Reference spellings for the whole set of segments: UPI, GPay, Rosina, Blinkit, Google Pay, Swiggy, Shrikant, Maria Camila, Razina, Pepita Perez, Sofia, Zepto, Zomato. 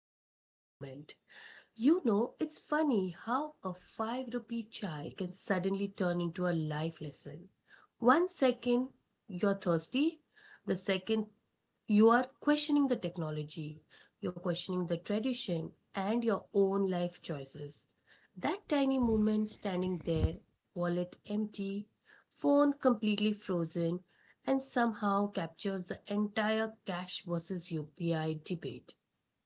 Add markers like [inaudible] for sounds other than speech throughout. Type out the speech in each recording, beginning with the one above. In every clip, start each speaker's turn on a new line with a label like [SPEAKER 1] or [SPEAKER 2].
[SPEAKER 1] payment moment, you know, it's funny how a 5 rupee chai can suddenly turn into a life lesson. One second you're thirsty, the second you are questioning the technology, you're questioning the tradition and your own life choices. That tiny moment standing there, wallet empty, phone completely frozen, and somehow captures the entire cash versus UPI debate.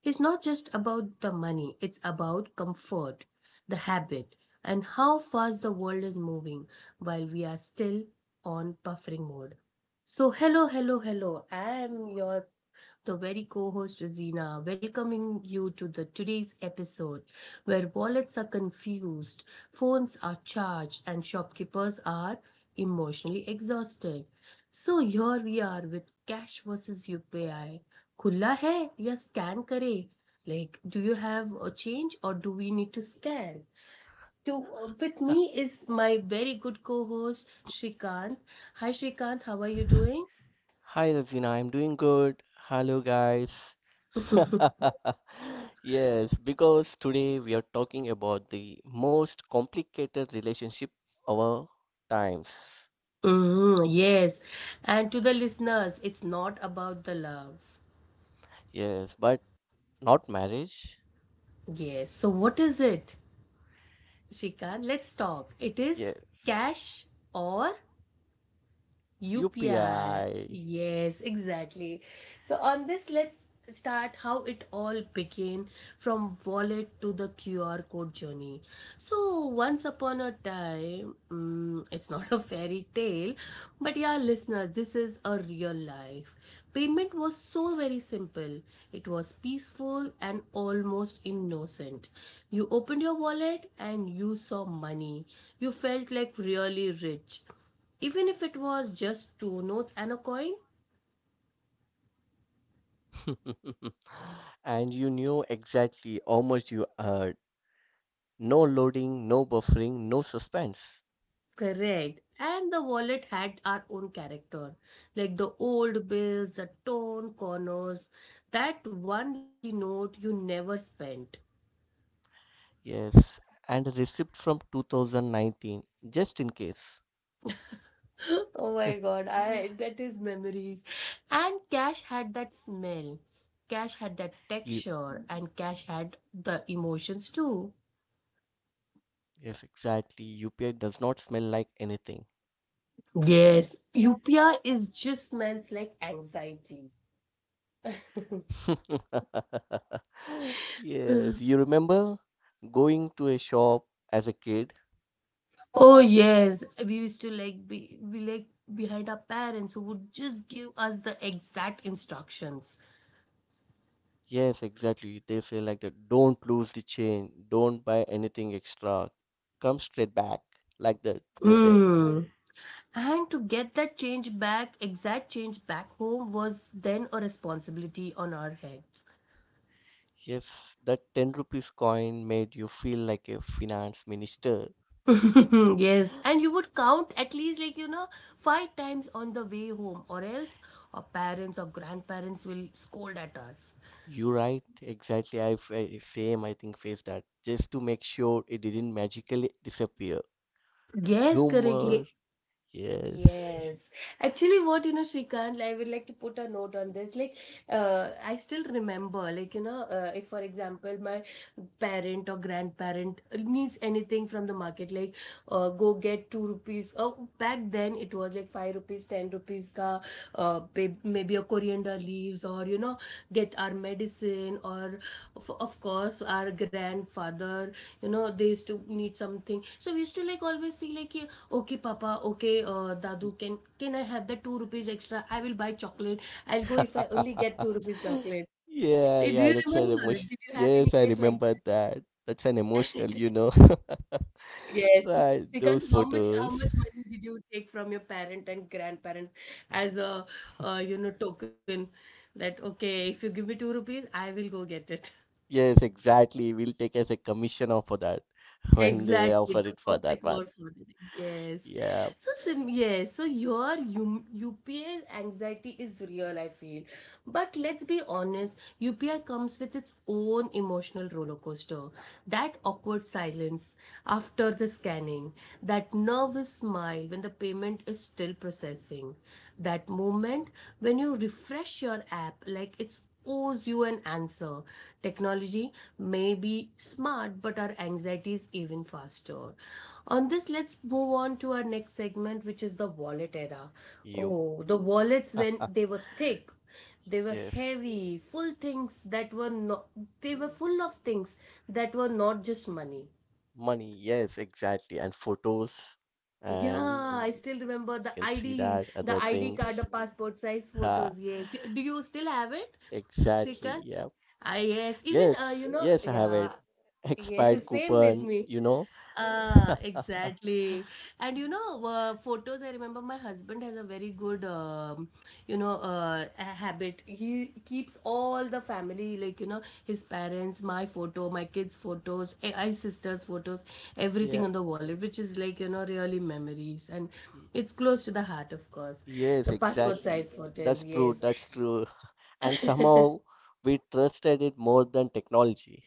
[SPEAKER 1] It's not just about the money, it's about comfort, the habit, and how fast the world is moving while we are still on buffering mode. So, hello, hello, hello. I am your the very co-host Rosina, welcoming you to the today's episode where wallets are confused, phones are charged, and shopkeepers are emotionally exhausted. So here we are with cash versus UPI. खुला है या scan करे? Like, do you have a change or do we need to scan? To With me is my very good co-host Shrikant. Hi Shrikant, how are you
[SPEAKER 2] Hi Razina, I'm doing good. Hello guys.
[SPEAKER 1] doing?
[SPEAKER 2] [laughs]
[SPEAKER 1] [laughs]
[SPEAKER 2] Yes, because today we are talking about the most complicated relationship of our times.
[SPEAKER 1] Mm, yes. And to the listeners, it's not about the love.
[SPEAKER 2] Yes, but not marriage.
[SPEAKER 1] Yes. So what is it, Shikant? Let's talk. It is
[SPEAKER 2] Yes.
[SPEAKER 1] cash or UPI.
[SPEAKER 2] UPI.
[SPEAKER 1] Yes, exactly. So on this, let's start how it all began from wallet to the QR code journey. So once upon a time, it's not a fairy tale, but yeah, listener, this is a real life. Payment was so very simple. It was peaceful and almost innocent. You opened your wallet and you saw money. You felt like really rich even if it was just two notes and a coin.
[SPEAKER 2] [laughs] And you knew exactly how much you earned. No loading, no buffering, no suspense.
[SPEAKER 1] Correct. And the wallet had our own character, like the old bills, the torn corners, that one lucky note you never spent.
[SPEAKER 2] Yes, and a receipt from 2019, just in case.
[SPEAKER 1] [gasps] [laughs] Oh my god, I
[SPEAKER 2] [laughs]
[SPEAKER 1] that is memories. And cash had that smell. Cash had that
[SPEAKER 2] You,
[SPEAKER 1] texture and cash had the emotions too.
[SPEAKER 2] yes, exactly. UPI does not smell like anything.
[SPEAKER 1] Yes, Upia is just smells like anxiety.
[SPEAKER 2] [laughs] Yes, you
[SPEAKER 1] [laughs]
[SPEAKER 2] remember going to a shop as a kid?
[SPEAKER 1] Oh yes, we used to like be like behind our parents who would just give us the exact instructions.
[SPEAKER 2] Yes, exactly. They say like that, don't lose the chain, don't buy anything extra. Come straight back, like that, they say.
[SPEAKER 1] Hmm. And to get that change back, exact change back home was then a responsibility on our heads.
[SPEAKER 2] Yes, that 10 rupees coin made you feel like a finance minister.
[SPEAKER 1] [laughs] Yes, and you would count at least, like, you know, five times on the way home, or else our parents or grandparents will scold at us.
[SPEAKER 2] You right, exactly. I fa- same, I think, faced that just to make sure it didn't magically disappear.
[SPEAKER 1] Yes,
[SPEAKER 2] Humour,
[SPEAKER 1] correctly.
[SPEAKER 2] yes.
[SPEAKER 1] Yes. Actually, what you know, Shrikant, I would like to put a note on this. Like, I still remember, like, you know, if for example, my parent or grandparent needs anything from the market, like, go get two rupees. Oh, back then it was like five rupees, ten rupees ka, maybe a coriander leaves, or you know, get our medicine, or of course, our grandfather, you know, they used to need something. So we used to like always see, like, yeah, okay, Papa. Okay, Dadu. Can I have the two rupees extra? I will buy chocolate. I'll go if I only get two
[SPEAKER 2] [laughs]
[SPEAKER 1] rupees chocolate. So, do you
[SPEAKER 2] Yeah, yeah, that's
[SPEAKER 1] remember?
[SPEAKER 2] an
[SPEAKER 1] Did you
[SPEAKER 2] emotion.
[SPEAKER 1] have any case
[SPEAKER 2] Yes, I
[SPEAKER 1] like
[SPEAKER 2] remember that. That's an
[SPEAKER 1] that?
[SPEAKER 2] emotional,
[SPEAKER 1] [laughs]
[SPEAKER 2] you know. [laughs]
[SPEAKER 1] Yes.
[SPEAKER 2] Right,
[SPEAKER 1] Shrikant,
[SPEAKER 2] those
[SPEAKER 1] how much how
[SPEAKER 2] photos.
[SPEAKER 1] much money did you take from your parent and grandparent as a you know token that okay if you give me two rupees I will go get it.
[SPEAKER 2] Yes, exactly. We'll take as a commission off for that when they offer
[SPEAKER 1] Exactly, the
[SPEAKER 2] it for that
[SPEAKER 1] perfect word
[SPEAKER 2] one.
[SPEAKER 1] for it. Yes.
[SPEAKER 2] Yeah,
[SPEAKER 1] So your UPI anxiety is real, I feel. But let's be honest, UPI comes with its own emotional roller coaster. That awkward silence after the scanning, that nervous smile when the payment is still processing, that moment when you refresh your app like it's owes you an answer. Technology may be smart, but our anxiety is even faster. On this, let's move on to our next segment, which is the wallet era.
[SPEAKER 2] you.
[SPEAKER 1] Oh, the wallets when
[SPEAKER 2] [laughs]
[SPEAKER 1] they were thick, they were
[SPEAKER 2] Yes.
[SPEAKER 1] heavy, full things that were not, they were
[SPEAKER 2] Mm,
[SPEAKER 1] full of things that were not just money.
[SPEAKER 2] money, yes, exactly. And photos, and
[SPEAKER 1] Yeah,
[SPEAKER 2] you
[SPEAKER 1] I
[SPEAKER 2] can
[SPEAKER 1] still
[SPEAKER 2] see
[SPEAKER 1] remember
[SPEAKER 2] that
[SPEAKER 1] the
[SPEAKER 2] other
[SPEAKER 1] ID,
[SPEAKER 2] things.
[SPEAKER 1] the ID card, the passport
[SPEAKER 2] Ha,
[SPEAKER 1] size photos. Yes. Do you still have it,
[SPEAKER 2] exactly. Yeah.
[SPEAKER 1] Shrikant? Yes.
[SPEAKER 2] Yes,
[SPEAKER 1] Even
[SPEAKER 2] yes, I
[SPEAKER 1] you know,
[SPEAKER 2] have it.
[SPEAKER 1] yeah, [laughs]
[SPEAKER 2] Expired
[SPEAKER 1] yes. Same
[SPEAKER 2] coupon,
[SPEAKER 1] with
[SPEAKER 2] you
[SPEAKER 1] me.
[SPEAKER 2] know. [laughs]
[SPEAKER 1] Ah, exactly. And you know, photos, I remember my husband has a very good, you know, a habit. He keeps all the family, like, you know, his parents, my photo, my kids' photos, my sister's photos,
[SPEAKER 2] Yeah.
[SPEAKER 1] everything on the wallet, which is like, you know, really memories. And
[SPEAKER 2] y-
[SPEAKER 1] it's close to the heart, of course.
[SPEAKER 2] Yes,
[SPEAKER 1] The passport
[SPEAKER 2] exactly.
[SPEAKER 1] size photos,
[SPEAKER 2] That's true.
[SPEAKER 1] yes.
[SPEAKER 2] That's true. [laughs] And somehow
[SPEAKER 1] [laughs]
[SPEAKER 2] we trusted it more than technology.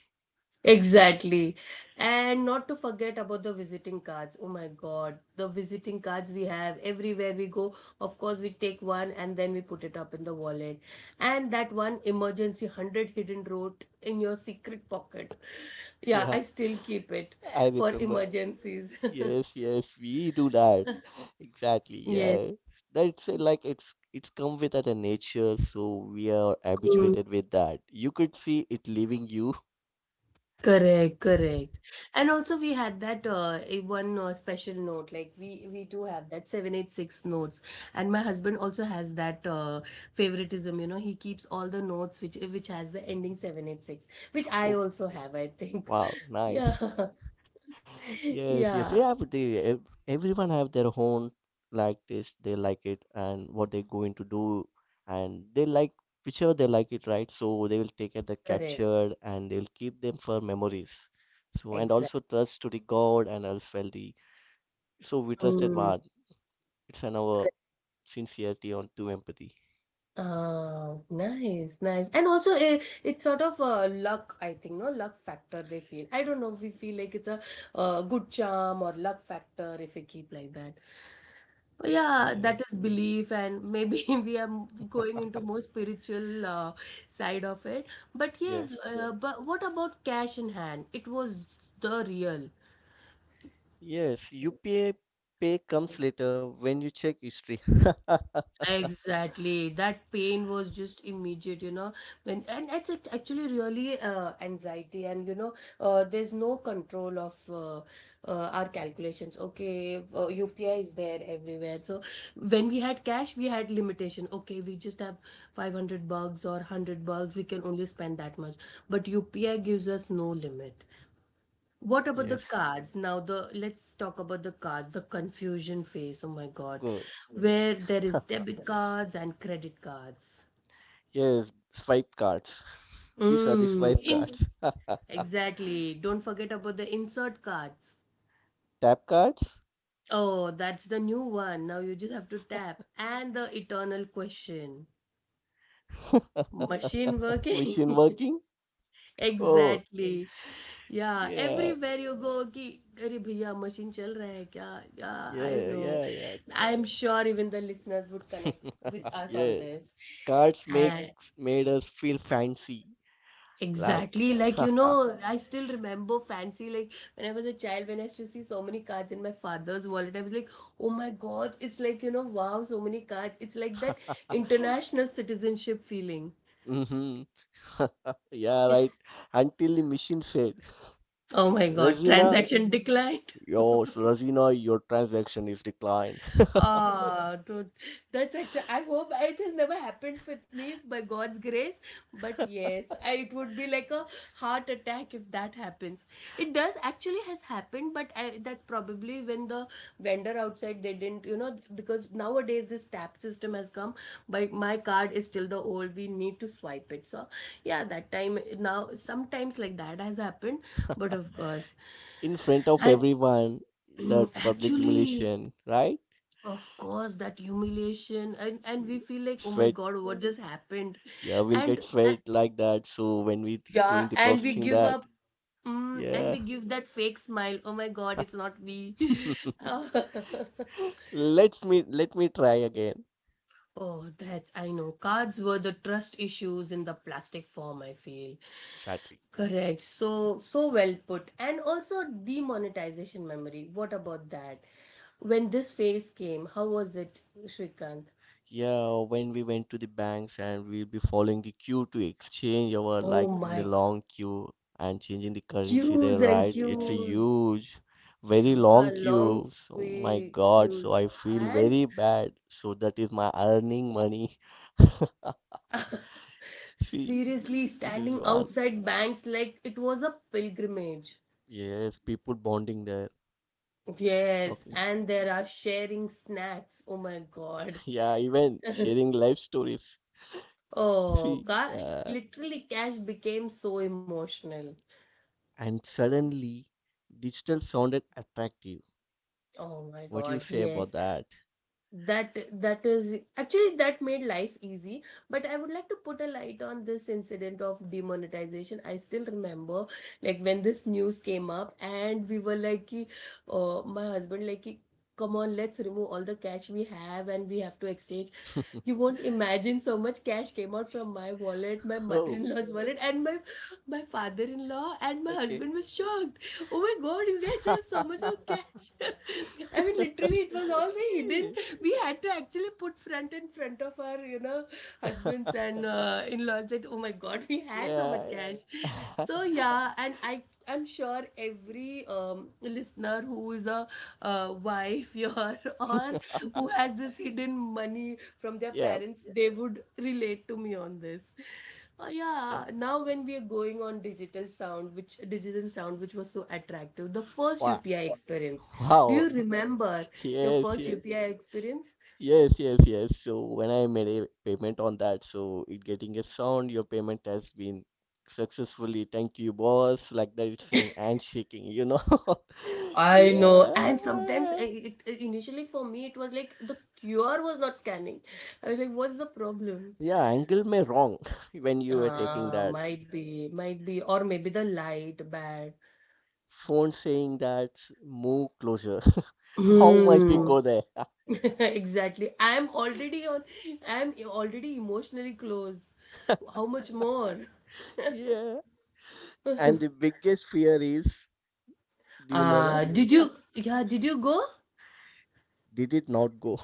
[SPEAKER 1] Exactly. And not to forget about the visiting cards. Oh my God, the visiting cards we have everywhere we go. Of course, we take one and then we put it up in the wallet. And that one emergency 100 hidden note in your secret pocket.
[SPEAKER 2] [laughs]
[SPEAKER 1] Yeah,
[SPEAKER 2] Yeah,
[SPEAKER 1] I still keep it
[SPEAKER 2] I
[SPEAKER 1] for
[SPEAKER 2] remember.
[SPEAKER 1] emergencies. [laughs]
[SPEAKER 2] Yes, yes, we do that. [laughs] Exactly.
[SPEAKER 1] Yes.
[SPEAKER 2] Yeah. That's like it's come with at a nature, so we are habituated with that. You could see it leaving you.
[SPEAKER 1] Correct, correct. And also we had that a one special note, like we do have that 786 notes, and my husband also has that favoritism, you know, he keeps all the notes which has the ending 786, which I
[SPEAKER 2] [laughs] Oh,
[SPEAKER 1] also have, I think. [laughs]
[SPEAKER 2] wow,
[SPEAKER 1] Yeah. [laughs]
[SPEAKER 2] nice. Yes, yes.
[SPEAKER 1] Yeah,
[SPEAKER 2] Yeah, but everyone have their own like this. They like it and what they're going to do, and they like whichever they like it, right? So they will take it the
[SPEAKER 1] correct.
[SPEAKER 2] captured and they'll keep them for memories. So and
[SPEAKER 1] Exactly.
[SPEAKER 2] also trust to the God and else well the so we trusted one. It's an our sincerity on to empathy.
[SPEAKER 1] Oh, nice, nice. And also, it's sort of a luck, I think, no luck factor they feel. I don't know if we feel like it's a good charm or luck factor if we keep like that. But yeah,
[SPEAKER 2] Yeah.
[SPEAKER 1] that is belief, and maybe [laughs] going into more spiritual side of it. But yes,
[SPEAKER 2] Yes.
[SPEAKER 1] but what about cash in hand? It was the real.
[SPEAKER 2] Yes. UPA pay comes later when you check history. [laughs]
[SPEAKER 1] Exactly. That pain was just immediate, you know. When and it's act- Actually, really anxiety, and you know, there's no control of our calculations. Okay, UPI is there everywhere. So when we had cash, we had limitation. Okay, we just have 500 bucks or 100 bucks. We can only spend that much. But UPI gives us no limit. What about the
[SPEAKER 2] Yes.
[SPEAKER 1] cards? Now the let's talk about the cards, the confusion phase. Oh my God,
[SPEAKER 2] Good.
[SPEAKER 1] where there is debit cards and credit cards.
[SPEAKER 2] Yes, swipe cards. These are the
[SPEAKER 1] Mm,
[SPEAKER 2] swipe
[SPEAKER 1] in
[SPEAKER 2] cards. [laughs]
[SPEAKER 1] Exactly. Don't forget about the insert cards.
[SPEAKER 2] Tap cards?
[SPEAKER 1] Oh, that's the new one. Now you just have to tap and the eternal question.
[SPEAKER 2] [laughs]
[SPEAKER 1] Machine working?
[SPEAKER 2] Machine
[SPEAKER 1] [laughs]
[SPEAKER 2] working? Oh,
[SPEAKER 1] exactly yeah
[SPEAKER 2] yeah,
[SPEAKER 1] everywhere you go कि अरे भैया machine चल रहा है क्या yeah I
[SPEAKER 2] yeah,
[SPEAKER 1] no
[SPEAKER 2] yeah,
[SPEAKER 1] I am sure even the listeners would connect
[SPEAKER 2] yeah.
[SPEAKER 1] with
[SPEAKER 2] [laughs]
[SPEAKER 1] us on
[SPEAKER 2] Yeah,
[SPEAKER 1] this
[SPEAKER 2] cards make
[SPEAKER 1] and
[SPEAKER 2] made us feel fancy. Like,
[SPEAKER 1] exactly, like you
[SPEAKER 2] [laughs]
[SPEAKER 1] know, I still remember fancy like when I was a child, when I used to see so many cards in my father's wallet, I was like, oh my god, it's like you know, wow, so many cards, it's like that international citizenship feeling.
[SPEAKER 2] hmm [laughs] Yeah, right. Until the machine said,
[SPEAKER 1] Oh my god,
[SPEAKER 2] Rosina,
[SPEAKER 1] transaction decline.
[SPEAKER 2] Rosina, your transaction is declined.
[SPEAKER 1] Ah, dude, that's actually. I hope it has never happened with me by God's grace. But yes, it would be like a heart attack if that happens. It does actually has happened, but that's probably when the vendor outside they didn't, you know, because nowadays this tap system has come. But my card is still the old. We need to swipe it. So yeah, that time now sometimes like that has happened. But of course,
[SPEAKER 2] [laughs] In front of
[SPEAKER 1] and
[SPEAKER 2] everyone, that
[SPEAKER 1] [clears throat]
[SPEAKER 2] public
[SPEAKER 1] actually.
[SPEAKER 2] humiliation, right?
[SPEAKER 1] Of course, that humiliation and we feel like, oh my
[SPEAKER 2] Sweat.
[SPEAKER 1] God, what just happened?
[SPEAKER 2] Yeah, we'll
[SPEAKER 1] And
[SPEAKER 2] get sweat like that. So when we
[SPEAKER 1] yeah,
[SPEAKER 2] doing the
[SPEAKER 1] and we
[SPEAKER 2] processing
[SPEAKER 1] give up.
[SPEAKER 2] that,
[SPEAKER 1] Mm, and
[SPEAKER 2] yeah.
[SPEAKER 1] we give that fake smile. Oh my God, it's not me. [laughs]
[SPEAKER 2] [laughs] Let me try again.
[SPEAKER 1] Oh, that I know. Cards were the trust issues in the plastic form, I feel.
[SPEAKER 2] Exactly.
[SPEAKER 1] Correct. So, so well put. And also demonetization memory. What about that? When this phase came, how was it, Shrikant?
[SPEAKER 2] Yeah, when we went to the banks and we'll be following the queue to exchange our
[SPEAKER 1] Oh
[SPEAKER 2] like in the
[SPEAKER 1] my
[SPEAKER 2] long queue and changing the currency there,
[SPEAKER 1] queues and
[SPEAKER 2] right? It's a
[SPEAKER 1] queues.
[SPEAKER 2] huge, very
[SPEAKER 1] Yeah,
[SPEAKER 2] long queue.
[SPEAKER 1] long
[SPEAKER 2] So my God, so
[SPEAKER 1] queues.
[SPEAKER 2] I feel
[SPEAKER 1] And
[SPEAKER 2] very bad. So that is my earning money. [laughs]
[SPEAKER 1] [laughs]
[SPEAKER 2] See,
[SPEAKER 1] seriously,
[SPEAKER 2] this is
[SPEAKER 1] standing
[SPEAKER 2] one.
[SPEAKER 1] outside banks like it was a pilgrimage.
[SPEAKER 2] Yes, people bonding there,
[SPEAKER 1] Yes,
[SPEAKER 2] talking. [laughs]
[SPEAKER 1] and there are sharing snacks. Oh my God.
[SPEAKER 2] Yeah, even
[SPEAKER 1] [laughs]
[SPEAKER 2] sharing life stories. [laughs]
[SPEAKER 1] Oh,
[SPEAKER 2] See,
[SPEAKER 1] ca-
[SPEAKER 2] uh,
[SPEAKER 1] Literally, cash became so emotional.
[SPEAKER 2] and suddenly digital sounded attractive.
[SPEAKER 1] Oh my
[SPEAKER 2] What do
[SPEAKER 1] God,
[SPEAKER 2] you say
[SPEAKER 1] yes.
[SPEAKER 2] about that?
[SPEAKER 1] That that is actually that made life easy, but I would like to put a light on this incident of demonetization. I still remember, like when this news came up and we were like ki, my husband like ki, come on, let's remove all the cash we have and we have to exchange. You
[SPEAKER 2] [laughs]
[SPEAKER 1] won't imagine so much cash came out from my wallet, my
[SPEAKER 2] Oh,
[SPEAKER 1] mother-in-law's wallet, and my father-in-law, and my
[SPEAKER 2] okay.
[SPEAKER 1] husband was shocked. Oh my god, you guys have so much of
[SPEAKER 2] [laughs]
[SPEAKER 1] cash. [laughs] I mean, literally, it was all the hidden [laughs] we had to actually put front in front of our, you know, husbands and in-laws like, oh my god, [laughs] we had so much
[SPEAKER 2] Yeah.
[SPEAKER 1] cash.
[SPEAKER 2] [laughs]
[SPEAKER 1] So yeah, and I'm sure every listener who is a wife here [laughs] or who has this hidden money from their
[SPEAKER 2] Yeah.
[SPEAKER 1] parents, they would relate to me on this.
[SPEAKER 2] Yeah.
[SPEAKER 1] Yeah, now when we are going on digital sound, which digital sound which was so attractive, the first
[SPEAKER 2] Wow.
[SPEAKER 1] UPI experience, do
[SPEAKER 2] Wow.
[SPEAKER 1] you remember your
[SPEAKER 2] Yes,
[SPEAKER 1] first
[SPEAKER 2] yes.
[SPEAKER 1] UPI experience.
[SPEAKER 2] Yes, yes, yes. So when I made a payment on that, so it getting a sound, your payment has been successfully. Thank you, boss. Like that, it's saying and shaking, you know. [laughs]
[SPEAKER 1] I know, and sometimes
[SPEAKER 2] Yeah.
[SPEAKER 1] initially for me it was like the QR was not scanning. I was like, what's the problem?
[SPEAKER 2] Yeah, angle may wrong [laughs] when you were taking
[SPEAKER 1] Ah,
[SPEAKER 2] that.
[SPEAKER 1] might be, or maybe the light bad.
[SPEAKER 2] Phone saying that move closer. [laughs] How much we
[SPEAKER 1] Hmm.
[SPEAKER 2] go there? [laughs]
[SPEAKER 1] [laughs] Exactly. I am already on. I am already emotionally close. How much more?
[SPEAKER 2] Yeah. And the
[SPEAKER 1] [laughs]
[SPEAKER 2] biggest fear is, do you know that?
[SPEAKER 1] Uh, did you, yeah, did you go?
[SPEAKER 2] Did it not go?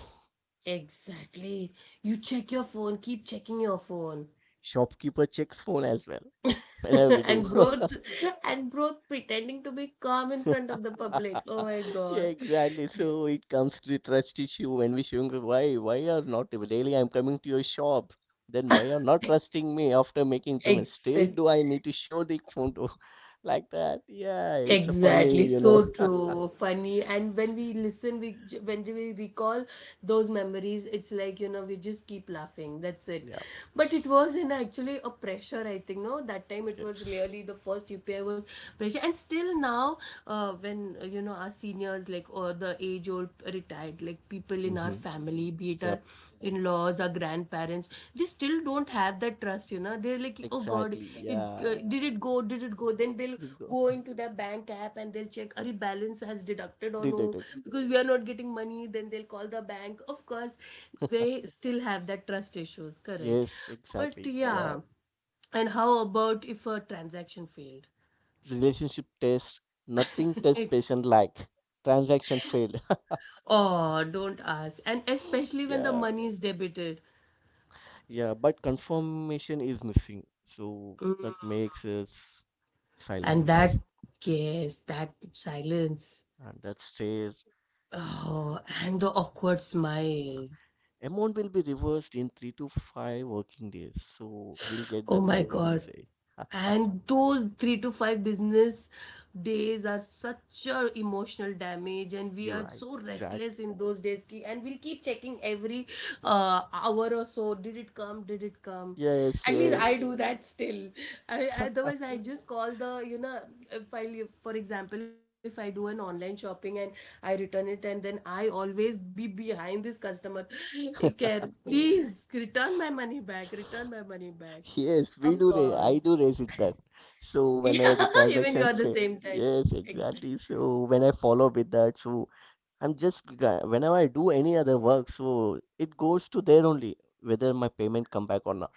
[SPEAKER 1] Exactly. You check your phone, keep checking your phone.
[SPEAKER 2] [laughs] Shopkeeper checks phone as well. Whenever we
[SPEAKER 1] [laughs]
[SPEAKER 2] do.
[SPEAKER 1] and broth, and broth pretending to be calm in
[SPEAKER 2] [laughs]
[SPEAKER 1] front of the public. Oh
[SPEAKER 2] [laughs]
[SPEAKER 1] my
[SPEAKER 2] Yeah,
[SPEAKER 1] god.
[SPEAKER 2] exactly. So it comes to the trust issue when we showing the why are not able. Daily I'm coming to your shop. Then why are not trusting me after making payment? Still
[SPEAKER 1] Exact
[SPEAKER 2] do I need to show the photo [laughs] like that? Yeah, it's a funny,
[SPEAKER 1] Exactly,
[SPEAKER 2] you know.
[SPEAKER 1] so true, funny, and when we listen, when we recall those memories, it's like we just keep laughing. That's it.
[SPEAKER 2] Yeah.
[SPEAKER 1] But it was in actually a pressure, I think. No, that time it was
[SPEAKER 2] Yes.
[SPEAKER 1] really the first UPI was pressure, and still now, when you know our seniors like or the age old retired like people in our
[SPEAKER 2] Mm-hmm.
[SPEAKER 1] family, be it our
[SPEAKER 2] Yep.
[SPEAKER 1] in laws, our grandparents, they still don't have that trust. You know, they're like, oh God,
[SPEAKER 2] Exactly.
[SPEAKER 1] it
[SPEAKER 2] Yeah.
[SPEAKER 1] did it go? Did it go? Then they'll
[SPEAKER 2] Did go.
[SPEAKER 1] go into their bank app and they'll check are balance has deducted
[SPEAKER 2] [laughs]
[SPEAKER 1] or
[SPEAKER 2] Did,
[SPEAKER 1] no
[SPEAKER 2] did.
[SPEAKER 1] because we are not getting money, then they'll call the bank. Of course they
[SPEAKER 2] [laughs]
[SPEAKER 1] still have that trust issues, correct?
[SPEAKER 2] Yes.
[SPEAKER 1] But
[SPEAKER 2] Exactly. Yeah.
[SPEAKER 1] yeah, and how about if a transaction failed?
[SPEAKER 2] Relationship test. Nothing
[SPEAKER 1] [laughs]
[SPEAKER 2] test
[SPEAKER 1] It's-
[SPEAKER 2] patient like. Transaction failed. [laughs]
[SPEAKER 1] oh don't ask, and especially when the
[SPEAKER 2] Yeah.
[SPEAKER 1] money is debited.
[SPEAKER 2] Yeah, but confirmation is missing. So
[SPEAKER 1] Mm.
[SPEAKER 2] that makes us
[SPEAKER 1] And
[SPEAKER 2] silence.
[SPEAKER 1] that, yes, that silence.
[SPEAKER 2] And that stays.
[SPEAKER 1] Oh, and the awkward smile.
[SPEAKER 2] Amount will be reversed in three to five working days. So we'll
[SPEAKER 1] [sighs]
[SPEAKER 2] get
[SPEAKER 1] Oh
[SPEAKER 2] that
[SPEAKER 1] my
[SPEAKER 2] type of
[SPEAKER 1] god,
[SPEAKER 2] message.
[SPEAKER 1] and those 3 to 5 business days are such a emotional damage, and we
[SPEAKER 2] You're
[SPEAKER 1] are
[SPEAKER 2] right.
[SPEAKER 1] so restless
[SPEAKER 2] Exactly.
[SPEAKER 1] in those days, ki- and we'll keep checking every hour or so, did it come, did it come?
[SPEAKER 2] Yes,
[SPEAKER 1] At least I
[SPEAKER 2] yes.
[SPEAKER 1] do that still. Otherwise I just call the, you know, if I for example if I do an online shopping and I return it, and then I always be behind this customer [laughs] care, please return my money back, return my money back.
[SPEAKER 2] Yes, we
[SPEAKER 1] Of
[SPEAKER 2] do raise, I
[SPEAKER 1] course.
[SPEAKER 2] do raise it that. So whenever the
[SPEAKER 1] Yeah, [laughs] even you
[SPEAKER 2] transaction
[SPEAKER 1] are the
[SPEAKER 2] fail.
[SPEAKER 1] same type.
[SPEAKER 2] Yes,
[SPEAKER 1] Exactly.
[SPEAKER 2] exactly. So when I follow up with that, so I'm just g- whenever I do any other work, so it goes to there only, whether my payment come back or not.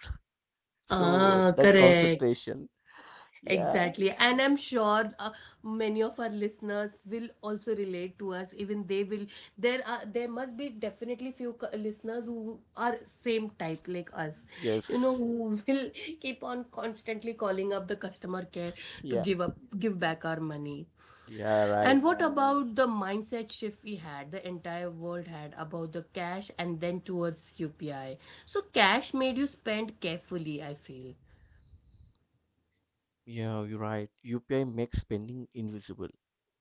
[SPEAKER 2] So
[SPEAKER 1] Ah,
[SPEAKER 2] that
[SPEAKER 1] correct.
[SPEAKER 2] concentration. Yeah.
[SPEAKER 1] Exactly. And I'm sure many of our listeners will also relate to us. Even they will. There must be definitely few listeners who are same type like us. You know,
[SPEAKER 2] Yes.
[SPEAKER 1] who will keep on constantly calling up the customer care to
[SPEAKER 2] Yeah.
[SPEAKER 1] give up, give back our money.
[SPEAKER 2] Yeah, right.
[SPEAKER 1] And what about the mindset shift we had, the entire world had about the cash and then towards UPI? So, cash made you spend carefully, I feel.
[SPEAKER 2] Yeah, you're right. UPI makes spending invisible.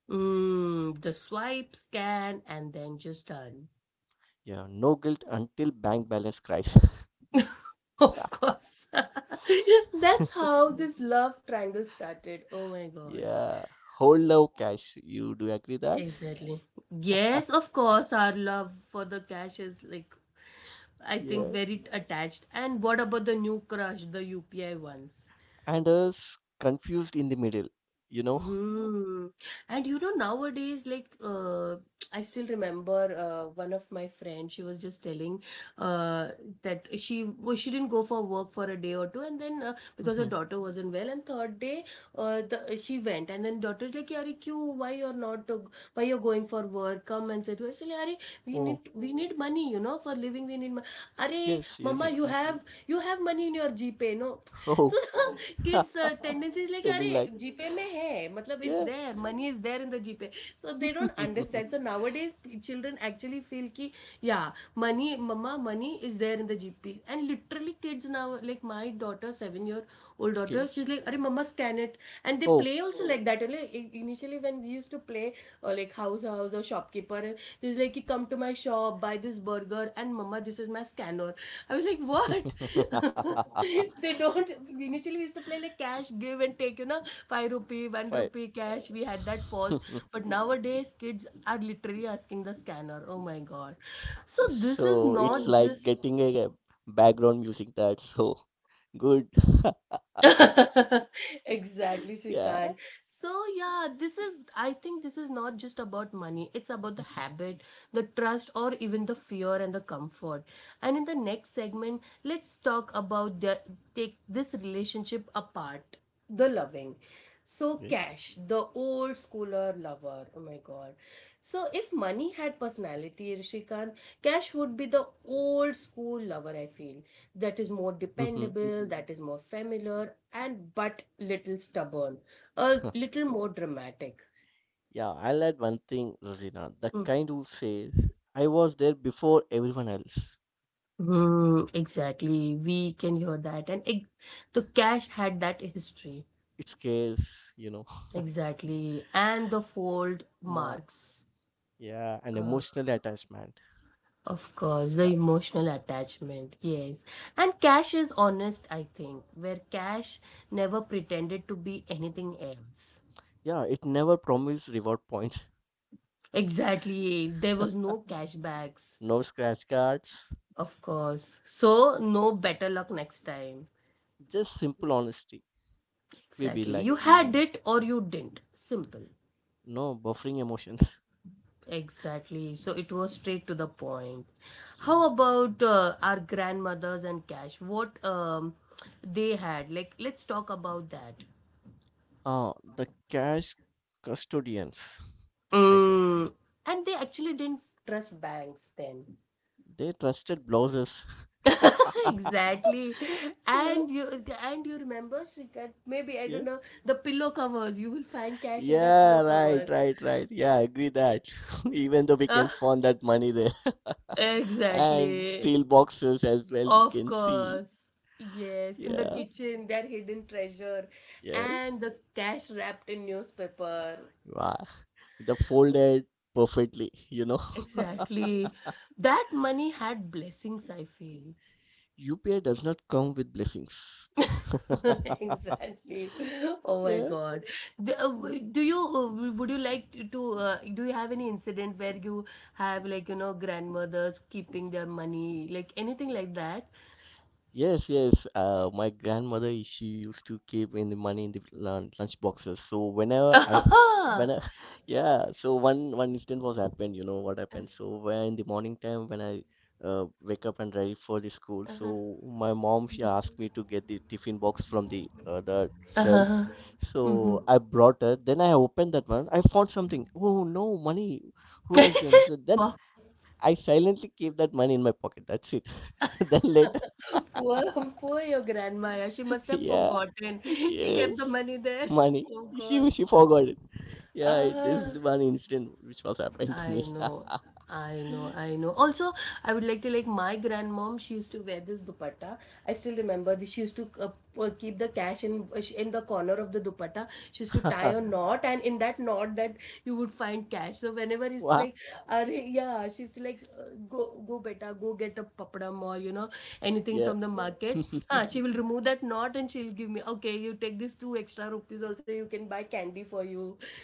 [SPEAKER 1] Mm, the swipe, scan, and then just done.
[SPEAKER 2] Yeah, no guilt until bank balance cries.
[SPEAKER 1] [laughs] Of course. [laughs] That's
[SPEAKER 2] [laughs]
[SPEAKER 1] how this love triangle started. Oh my god.
[SPEAKER 2] Yeah, hold now cash. You do agree that?
[SPEAKER 1] Exactly. Yes,
[SPEAKER 2] [laughs]
[SPEAKER 1] of course, our love for the cash is like, I think,
[SPEAKER 2] Yeah,
[SPEAKER 1] very attached. And what about the new crush, the UPI ones?
[SPEAKER 2] and us confused in the middle, you know?
[SPEAKER 1] Hmm. And you know, nowadays, like, [tsk] I still remember one of my friends, she was just telling uh, that she didn't go for work for a day or two, and then because her
[SPEAKER 2] Hmm.
[SPEAKER 1] daughter wasn't well, and third day, she went, and then daughter's like, "Yari, kyu? Why you're not? Why you're going for work? Come and sit." She like, "Yari,
[SPEAKER 2] Oh,
[SPEAKER 1] we need money, you know, for living. We need money. Are,
[SPEAKER 2] yes, yes,
[SPEAKER 1] mama,
[SPEAKER 2] exactly.
[SPEAKER 1] you have money in your GPay, no?" [laughs] So
[SPEAKER 2] Oh,
[SPEAKER 1] kids tendencies
[SPEAKER 2] [laughs]
[SPEAKER 1] like
[SPEAKER 2] really
[SPEAKER 1] अरे
[SPEAKER 2] like,
[SPEAKER 1] GPay में है मतलब it's
[SPEAKER 2] yeah.
[SPEAKER 1] There money is there in the GPay so they don't
[SPEAKER 2] [laughs]
[SPEAKER 1] understand so nowadays children actually feel की या money मम्मा money is there in the GPay and literally kids now like my daughter seven year old daughter
[SPEAKER 2] Okay.
[SPEAKER 1] She is like अरे मम्मा scan it and they
[SPEAKER 2] Oh,
[SPEAKER 1] play also like that like initially when we use to play like house house or shopkeeper, and this is like, you come to my shop, buy this burger, and mama this is my scanner. I was like what?
[SPEAKER 2] [laughs]
[SPEAKER 1] [laughs] They don't, initially we used to play like cash give and take, you know, 5 rupee 1
[SPEAKER 2] fine.
[SPEAKER 1] rupee cash, we had that false.
[SPEAKER 2] [laughs]
[SPEAKER 1] But nowadays kids are literally asking the scanner, oh my god. So
[SPEAKER 2] So
[SPEAKER 1] this is
[SPEAKER 2] it's like
[SPEAKER 1] not
[SPEAKER 2] getting
[SPEAKER 1] just
[SPEAKER 2] a background music that's so good. [laughs]
[SPEAKER 1] [laughs] exactly,
[SPEAKER 2] Yeah.
[SPEAKER 1] Shrikant. So yeah, this is, I think this is not just about money, it's about the
[SPEAKER 2] Mhm.
[SPEAKER 1] habit, the trust, or even the fear and the comfort. And in the next segment let's talk about the, take this relationship apart, the loving. So
[SPEAKER 2] Okay.
[SPEAKER 1] cash, the old schooler lover, oh my god. So if money had personality, Shrikant, cash would be the old school lover, I feel. That is more
[SPEAKER 2] Hmm.
[SPEAKER 1] dependable, that is more familiar, and but little stubborn, a
[SPEAKER 2] [laughs]
[SPEAKER 1] little more dramatic.
[SPEAKER 2] Yeah, I'll add one thing, Rosina. The kind who says, I was there before everyone else.
[SPEAKER 1] Mhm, exactly, we can hear that. The cash had that history,
[SPEAKER 2] It scares, you know.
[SPEAKER 1] exactly, and the fold
[SPEAKER 2] [laughs] Ma-
[SPEAKER 1] marks.
[SPEAKER 2] Yeah, an
[SPEAKER 1] uh,
[SPEAKER 2] emotional attachment.
[SPEAKER 1] of course, the
[SPEAKER 2] Scars.
[SPEAKER 1] emotional attachment, yes. And cash is honest, I think, where cash never pretended to be anything else.
[SPEAKER 2] Yeah, it never promised reward points.
[SPEAKER 1] Exactly, there was no cashbacks.
[SPEAKER 2] No scratch cards.
[SPEAKER 1] Of course. So, no better luck next time.
[SPEAKER 2] Just simple honesty. We be
[SPEAKER 1] Exactly.
[SPEAKER 2] like,
[SPEAKER 1] You had Mm. it or you didn't. Simple.
[SPEAKER 2] no buffering emotions.
[SPEAKER 1] Exactly. So, it was straight to the point.
[SPEAKER 2] Yeah.
[SPEAKER 1] How about our grandmothers and cash? What they had? Like, let's talk about that.
[SPEAKER 2] Ah, the cash custodians, I say.
[SPEAKER 1] Mm. And they actually didn't trust banks then.
[SPEAKER 2] They trusted blouses.
[SPEAKER 1] [laughs] Exactly.
[SPEAKER 2] [laughs] Yeah,
[SPEAKER 1] And you, and you remember, Shrikant, maybe I
[SPEAKER 2] yeah,
[SPEAKER 1] don't know, the pillow covers, you will find cash in their pillow
[SPEAKER 2] yeah, right,
[SPEAKER 1] covers.
[SPEAKER 2] right, right. Yeah, I agree that. [laughs] Even though we can
[SPEAKER 1] [laughs]
[SPEAKER 2] find that money there. [laughs] And
[SPEAKER 1] Exactly.
[SPEAKER 2] steel boxes as well, you
[SPEAKER 1] Of
[SPEAKER 2] can see.
[SPEAKER 1] course. Yes, in the
[SPEAKER 2] Yeah,
[SPEAKER 1] kitchen, their hidden treasure,
[SPEAKER 2] yeah.
[SPEAKER 1] and the cash wrapped in newspaper.
[SPEAKER 2] Wow. The folded perfectly, you know.
[SPEAKER 1] Exactly. That money had blessings, I feel.
[SPEAKER 2] [laughs] UPI does not come with blessings. [laughs]
[SPEAKER 1] [laughs] Exactly. Oh my
[SPEAKER 2] Yeah.
[SPEAKER 1] God.
[SPEAKER 2] Hmm.
[SPEAKER 1] Do you would you like to do you have any incident where you have, like you know, grandmothers keeping their money, like anything like that?
[SPEAKER 2] Yes, yes. My grandmother, she used to keep in the money in the lunch boxes. So whenever I, f-
[SPEAKER 1] [laughs] Uh-huh.
[SPEAKER 2] when I, [laughs] yeah. So one incident was happened. You know what happened? So when in the morning time when I wake up and ready for the school,
[SPEAKER 1] Uh-huh.
[SPEAKER 2] so my mom she asked me to get the tiffin box from the other shelf.
[SPEAKER 1] Uh-huh. Mm-hmm.
[SPEAKER 2] So I brought her. Then I opened that one. I found something. Oh no, money! Who has given? So then
[SPEAKER 1] Wow.
[SPEAKER 2] I silently keep that money in my pocket. That's it. [laughs] Then later.
[SPEAKER 1] [laughs] Poor, poor your grandma. Yeah. She must
[SPEAKER 2] [laughs]
[SPEAKER 1] have
[SPEAKER 2] Yeah,
[SPEAKER 1] forgotten. [laughs] She kept the
[SPEAKER 2] yes,
[SPEAKER 1] money there.
[SPEAKER 2] money.
[SPEAKER 1] Oh God.
[SPEAKER 2] She forgot it. Yeah, it- this
[SPEAKER 1] Ah.
[SPEAKER 2] is one incident which was happened to
[SPEAKER 1] I
[SPEAKER 2] me.
[SPEAKER 1] know, I know. Also, I would like to, like my grandmom. She used to wear this dupatta. I still remember this. She used to keep the cash in the corner of the dupatta. She used to tie a
[SPEAKER 2] [laughs]
[SPEAKER 1] knot, and in that knot, that you would find cash. So whenever it's
[SPEAKER 2] Wow.
[SPEAKER 1] like, Are, yeah, she used to like go go beta, go get a papadam, or you know, anything
[SPEAKER 2] Yeah.
[SPEAKER 1] from the market.
[SPEAKER 2] [laughs]
[SPEAKER 1] Ah, she will remove that knot and she'll give me. Okay, you take this two extra rupees. Also, you can buy candy for you.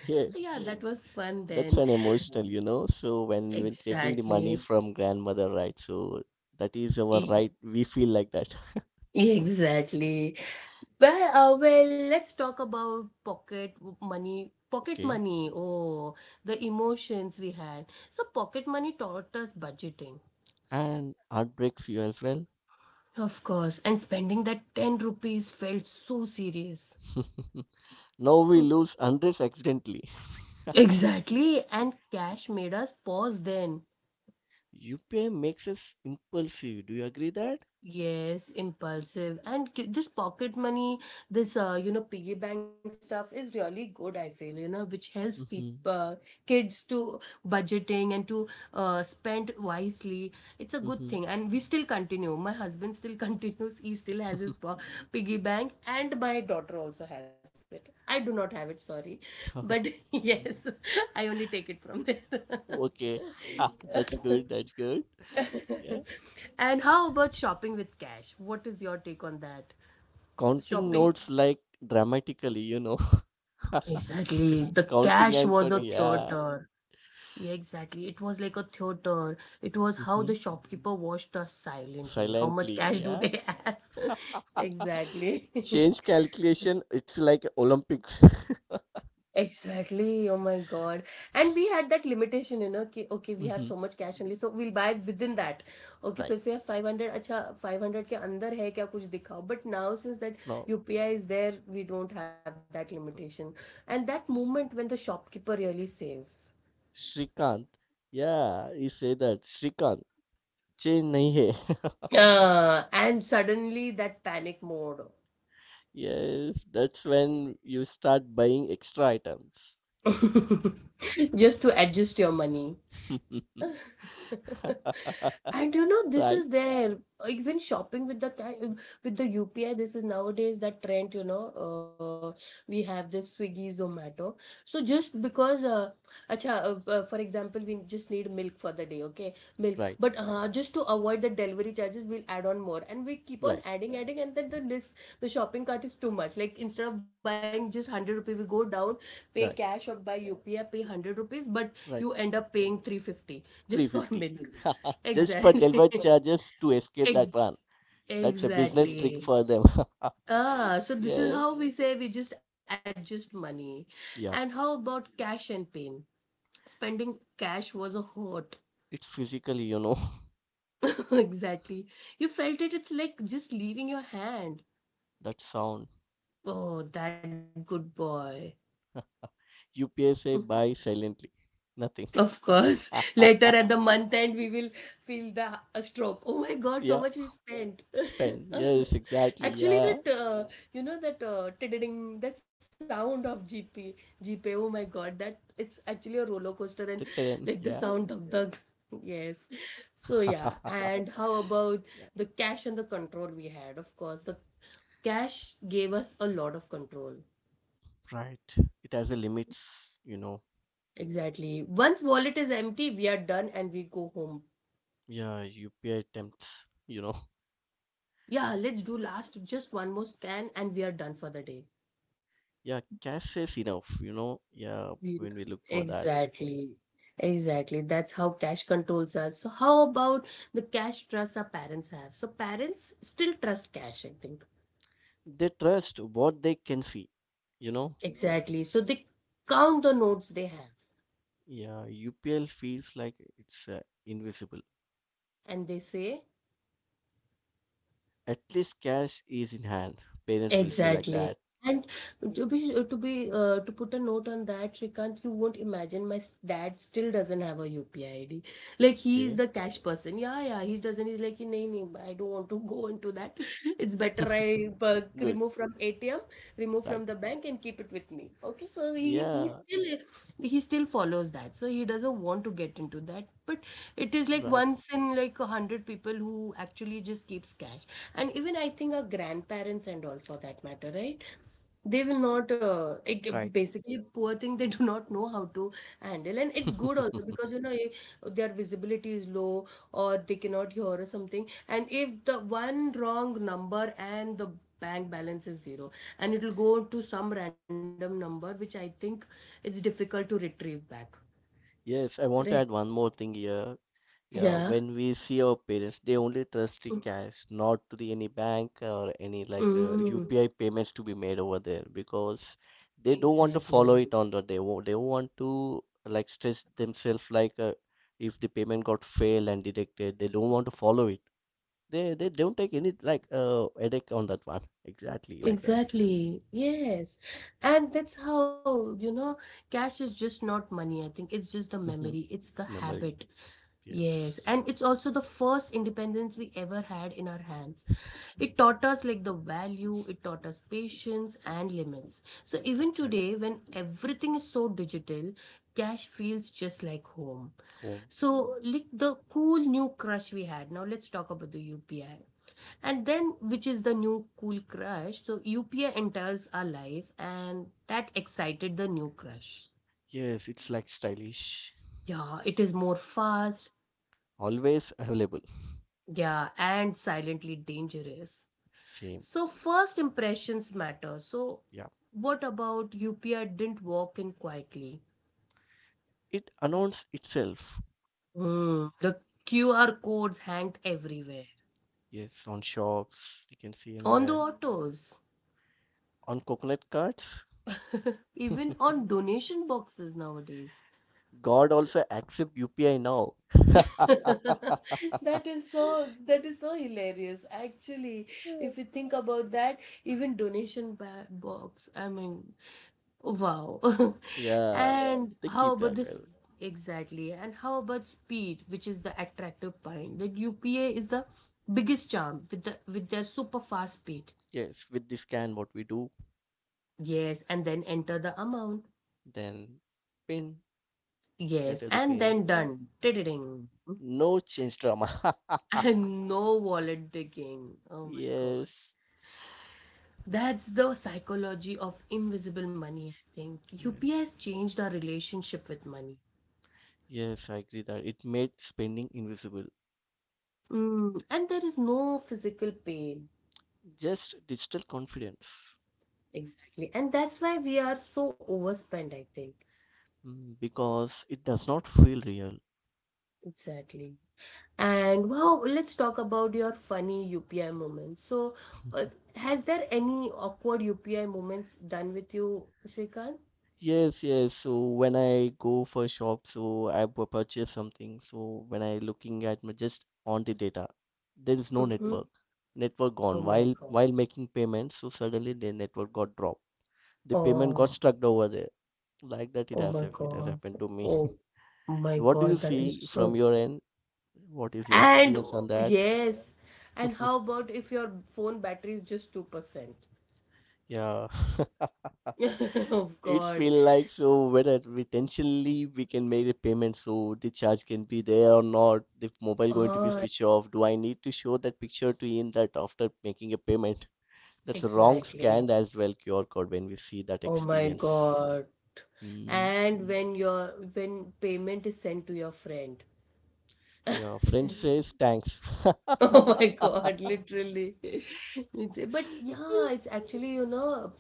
[SPEAKER 2] Yeah.
[SPEAKER 1] So yeah, that was fun
[SPEAKER 2] That's
[SPEAKER 1] then.
[SPEAKER 2] an emotional, you know. So when taking the money
[SPEAKER 1] Exactly.
[SPEAKER 2] from grandmother, right? So that is our
[SPEAKER 1] E-
[SPEAKER 2] right. We feel like that. [laughs]
[SPEAKER 1] Exactly. Well, well, let's talk about pocket money. Pocket
[SPEAKER 2] Okay.
[SPEAKER 1] money. Oh, the emotions we had. So, pocket money taught us budgeting,
[SPEAKER 2] And heartbreaks you as well. [laughs]
[SPEAKER 1] of course, and spending that 10 rupees felt so serious.
[SPEAKER 2] Now
[SPEAKER 1] Mm.
[SPEAKER 2] we lose hundreds accidentally. [laughs]
[SPEAKER 1] Exactly. And cash made us pause then.
[SPEAKER 2] UPI makes us impulsive. Do you agree that?
[SPEAKER 1] Yes, impulsive. And ki- this pocket money, this you know, piggy bank stuff is really good, I feel, you know, which helps people
[SPEAKER 2] Mm-hmm.
[SPEAKER 1] kids to budgeting and to spend wisely. It's a good thing. And we still continue. My husband still [laughs] continues. He still has his
[SPEAKER 2] Mm-hmm.
[SPEAKER 1] piggy bank, and my daughter also has it. I do not have it, sorry. But [laughs]
[SPEAKER 2] [laughs]
[SPEAKER 1] yes, I only take it from there.
[SPEAKER 2] Okay, [laughs] ha,
[SPEAKER 1] [laughs]
[SPEAKER 2] that's good, that's good. Yeah,
[SPEAKER 1] [laughs] And how about shopping with cash? What is your take on that?
[SPEAKER 2] counting
[SPEAKER 1] Shopping,
[SPEAKER 2] notes like dramatically, you know, [laughs]
[SPEAKER 1] exactly, the cash
[SPEAKER 2] counting
[SPEAKER 1] was a
[SPEAKER 2] and counting, yeah,
[SPEAKER 1] theater. Yeah, exactly, it was like a theater. It was how the
[SPEAKER 2] hmm
[SPEAKER 1] shopkeeper watched us silently, how much
[SPEAKER 2] silently,
[SPEAKER 1] cash do
[SPEAKER 2] yeah.
[SPEAKER 1] they have. [laughs]
[SPEAKER 2] [laughs]
[SPEAKER 1] Exactly. [laughs]
[SPEAKER 2] Change calculation, it's like Olympics.
[SPEAKER 1] Exactly. Oh my God. And we had that limitation, you know, ki, okay, we have
[SPEAKER 2] [laughs]
[SPEAKER 1] so
[SPEAKER 2] Hmm.
[SPEAKER 1] much cash only, so we'll buy within that. Okay, so
[SPEAKER 2] Right,
[SPEAKER 1] if you have 500, acha, 500 के अंदर है क्या कुछ दिखाओ. But now since that
[SPEAKER 2] now,
[SPEAKER 1] UPI is there, we don't have that limitation. And that moment when the shopkeeper really says,
[SPEAKER 2] Shrikant, yeah, he say that Shrikant, change nahi hai. [laughs]
[SPEAKER 1] and suddenly that panic mode,
[SPEAKER 2] Yes, that's when you start buying extra items.
[SPEAKER 1] [laughs] just to adjust your money.
[SPEAKER 2] [laughs]
[SPEAKER 1] [laughs] And you know, this
[SPEAKER 2] Right,
[SPEAKER 1] is there. Even shopping with the with the UPI, this is nowadays that trend, you know. We have this Swiggy, Zomato. So just because, acha, for example, we just need milk for the day, okay? Milk.
[SPEAKER 2] right,
[SPEAKER 1] But just to avoid the delivery charges, we'll add on more. And we keep on
[SPEAKER 2] right,
[SPEAKER 1] adding, adding, and then the list, the shopping cart is too much. Like instead of buying just 100 rupees, we go down, pay
[SPEAKER 2] right.
[SPEAKER 1] cash or buy UPI, pay 100 rupees, but
[SPEAKER 2] Right,
[SPEAKER 1] you end up paying 350 just [laughs] for
[SPEAKER 2] 350.
[SPEAKER 1] milk.
[SPEAKER 2] [laughs] Just for delivery
[SPEAKER 1] Exactly.
[SPEAKER 2] charges to escape
[SPEAKER 1] [laughs]
[SPEAKER 2] that one.
[SPEAKER 1] Ex-
[SPEAKER 2] That's a business trick
[SPEAKER 1] exactly.
[SPEAKER 2] for them.
[SPEAKER 1] Ah, so
[SPEAKER 2] [laughs]
[SPEAKER 1] this is
[SPEAKER 2] Yeah,
[SPEAKER 1] how we say we just adjust money. And how
[SPEAKER 2] yeah.
[SPEAKER 1] about cash and pain? Spending cash was a hurt.
[SPEAKER 2] It's physically, you know,
[SPEAKER 1] [laughs] Exactly. You felt it, it's like just leaving your hand.
[SPEAKER 2] [laughs] that sound.
[SPEAKER 1] Oh, that good boy.
[SPEAKER 2] UPS say
[SPEAKER 1] [laughs]
[SPEAKER 2] buy silently. Nothing.
[SPEAKER 1] Of course. [laughs] Later at the
[SPEAKER 2] [laughs]
[SPEAKER 1] month end, we will feel the a stroke. Oh my God, so
[SPEAKER 2] Yeah,
[SPEAKER 1] much we spent.
[SPEAKER 2] spend. Yes,
[SPEAKER 1] [laughs]
[SPEAKER 2] exactly.
[SPEAKER 1] Actually,
[SPEAKER 2] Yeah,
[SPEAKER 1] that you know that tiddling, that sound of GP. Oh my God, that it's actually a roller
[SPEAKER 2] the
[SPEAKER 1] coaster and
[SPEAKER 2] ten. Yeah.
[SPEAKER 1] like the sound dug dug. [laughs] Yes. So yeah,
[SPEAKER 2] [laughs]
[SPEAKER 1] and how about
[SPEAKER 2] Yeah,
[SPEAKER 1] the cash and the control we had? Of course, the cash gave us a lot of control.
[SPEAKER 2] right. It has a limits, you know.
[SPEAKER 1] Exactly. Once wallet is empty, we are done and we go home.
[SPEAKER 2] Yeah, UPI attempts, you know.
[SPEAKER 1] Yeah, let's do last just one more scan and we are done for the day.
[SPEAKER 2] Yeah, cash is enough, you know. Yeah,
[SPEAKER 1] Mm.
[SPEAKER 2] when we look for that.
[SPEAKER 1] Exactly. Exactly. That's how cash controls us. So how about the cash trust our parents have? So parents still trust cash, I think.
[SPEAKER 2] They trust what they can see, you know?
[SPEAKER 1] Exactly. So they count the notes they have
[SPEAKER 2] Yeah, UPL feels like it's invisible.
[SPEAKER 1] and they say
[SPEAKER 2] At least cash is in hand. Parents will say like
[SPEAKER 1] exactly.
[SPEAKER 2] that.
[SPEAKER 1] And to put a note on that, Shrikant, you won't imagine my dad still doesn't have a UPI ID. Like he is
[SPEAKER 2] Okay?
[SPEAKER 1] the cash person. Yeah, yeah, he doesn't. He's like, nee, nee, I don't want to [laughs] go into that. [laughs] It's better I
[SPEAKER 2] [laughs]
[SPEAKER 1] uh,
[SPEAKER 2] Good.
[SPEAKER 1] remove from ATM, remove
[SPEAKER 2] Right.
[SPEAKER 1] from the bank, and keep it with me. Okay, so
[SPEAKER 2] Yeah.
[SPEAKER 1] he still follows that. So he doesn't want to get into that. But it is like
[SPEAKER 2] Right.
[SPEAKER 1] once in like a hundred people who actually just keeps cash, and even I think our grandparents and all, for that matter, right, they will not
[SPEAKER 2] Right.
[SPEAKER 1] like, basically poor thing, they [laughs] do not know how to handle. And it's good
[SPEAKER 2] [laughs]
[SPEAKER 1] also because you know their visibility is low or they cannot hear or something, and if the one wrong number and the bank balance is zero, and it will go to some random number, which I think it's difficult to retrieve back.
[SPEAKER 2] Yes, I want
[SPEAKER 1] Correct.
[SPEAKER 2] to add one more thing here. Yeah,
[SPEAKER 1] Yeah.
[SPEAKER 2] when we see our parents, they only trust the cash, not to the any bank or any like
[SPEAKER 1] Mm.
[SPEAKER 2] UPI payments to be made over there because they don't want to
[SPEAKER 1] Exactly.
[SPEAKER 2] follow it on the they won't want to like stress themselves like if the payment got failed and detected, they don't want to follow it. They don't take any like headache on that one. Exactly like that.
[SPEAKER 1] Exactly. Yes. And that's how, you know, cash is just not money. I think it's just the
[SPEAKER 2] Hmm.
[SPEAKER 1] memory, it's the
[SPEAKER 2] Memory.
[SPEAKER 1] habit. Yes.
[SPEAKER 2] Yes.
[SPEAKER 1] And it's also the first independence we ever had in our hands. It taught us like the value, it taught us patience and limits. So even
[SPEAKER 2] Exactly.
[SPEAKER 1] today, when everything is so digital, cash feels just like home.
[SPEAKER 2] Home.
[SPEAKER 1] So, like the cool new crush we had. Now let's talk about the UPI and then, which is the new cool crush. So UPI enters our life and that excited the new crush.
[SPEAKER 2] Yes, it's like stylish.
[SPEAKER 1] Yeah, it is more fast.
[SPEAKER 2] Always available.
[SPEAKER 1] Yeah, and silently dangerous.
[SPEAKER 2] Same.
[SPEAKER 1] So first impressions matter. So
[SPEAKER 2] Yeah.
[SPEAKER 1] what about UPI didn't walk in quietly?
[SPEAKER 2] It announced itself.
[SPEAKER 1] Hmm, the QR codes hanged everywhere,
[SPEAKER 2] Yes, on shops, you can see
[SPEAKER 1] on the
[SPEAKER 2] anywhere.
[SPEAKER 1] autos.
[SPEAKER 2] On coconut cards.
[SPEAKER 1] [laughs] Even
[SPEAKER 2] [laughs]
[SPEAKER 1] on donation boxes nowadays.
[SPEAKER 2] God also accept UPI now.
[SPEAKER 1] [laughs]
[SPEAKER 2] [laughs]
[SPEAKER 1] That is so, that is so hilarious. Actually, if you think about that, even donation ba box, I mean, wow. [laughs] Yeah.
[SPEAKER 2] Yeah,
[SPEAKER 1] And
[SPEAKER 2] they
[SPEAKER 1] how
[SPEAKER 2] keep
[SPEAKER 1] about
[SPEAKER 2] that.
[SPEAKER 1] this exactly? And how about speed, which is the attractive point? That UPA is the biggest charm with the with their super fast speed.
[SPEAKER 2] Yes, with the scan, what we do,
[SPEAKER 1] Yes, and then enter the amount.
[SPEAKER 2] then pin,
[SPEAKER 1] Yes,
[SPEAKER 2] enter the
[SPEAKER 1] and
[SPEAKER 2] pin.
[SPEAKER 1] then yeah, done. Ding. [laughs]
[SPEAKER 2] No change drama. [laughs]
[SPEAKER 1] And no wallet digging. Oh my God.
[SPEAKER 2] Yes,
[SPEAKER 1] That's the psychology of invisible money. I think
[SPEAKER 2] yeah,
[SPEAKER 1] UPI has changed our relationship with money.
[SPEAKER 2] yes, I agree that it made spending invisible.
[SPEAKER 1] Mm, and there is no physical pain.
[SPEAKER 2] Just digital confidence,
[SPEAKER 1] Exactly. And that's why we are so overspent, I think.
[SPEAKER 2] mm, because it does not feel real.
[SPEAKER 1] Exactly. And wow, let's talk about your funny UPI moments. So, uh,
[SPEAKER 2] [laughs]
[SPEAKER 1] has there any awkward UPI moments done with you, Shrikant?
[SPEAKER 2] Yes, yes. So when I go for shop, so I purchase something. So when I looking at my just on the data, there is no
[SPEAKER 1] Mm-hmm.
[SPEAKER 2] network. Network
[SPEAKER 1] Oh
[SPEAKER 2] gone.
[SPEAKER 1] my
[SPEAKER 2] While
[SPEAKER 1] God.
[SPEAKER 2] while making payment, so suddenly the network got dropped. The payment got
[SPEAKER 1] Oh,
[SPEAKER 2] stuck over there. Like that, it
[SPEAKER 1] oh
[SPEAKER 2] has
[SPEAKER 1] my
[SPEAKER 2] it has
[SPEAKER 1] God.
[SPEAKER 2] happened to me.
[SPEAKER 1] Oh my
[SPEAKER 2] [laughs] What do you
[SPEAKER 1] God, that
[SPEAKER 2] see
[SPEAKER 1] is
[SPEAKER 2] from
[SPEAKER 1] so.
[SPEAKER 2] your end? What is your
[SPEAKER 1] And
[SPEAKER 2] experience on that?
[SPEAKER 1] yes, and
[SPEAKER 2] [laughs]
[SPEAKER 1] how about if your phone battery is just 2%?
[SPEAKER 2] Yeah. [laughs]
[SPEAKER 1] [laughs] Of God.
[SPEAKER 2] It's feel like so whether we intentionally we can make the payment so the charge can be there or not, the mobile going to be
[SPEAKER 1] Ah,
[SPEAKER 2] switched off. Do I need to show that picture to in that after making a payment? That's a wrong
[SPEAKER 1] exactly.
[SPEAKER 2] scan as well QR code when we see that
[SPEAKER 1] Oh my
[SPEAKER 2] experience.
[SPEAKER 1] God.
[SPEAKER 2] Hmm.
[SPEAKER 1] And when your when payment is sent to your friend.
[SPEAKER 2] Yeah, friend says thanks.
[SPEAKER 1] [laughs]
[SPEAKER 2] [laughs]
[SPEAKER 1] Oh my God, literally. [laughs] Liter- but yeah, it's actually, you know,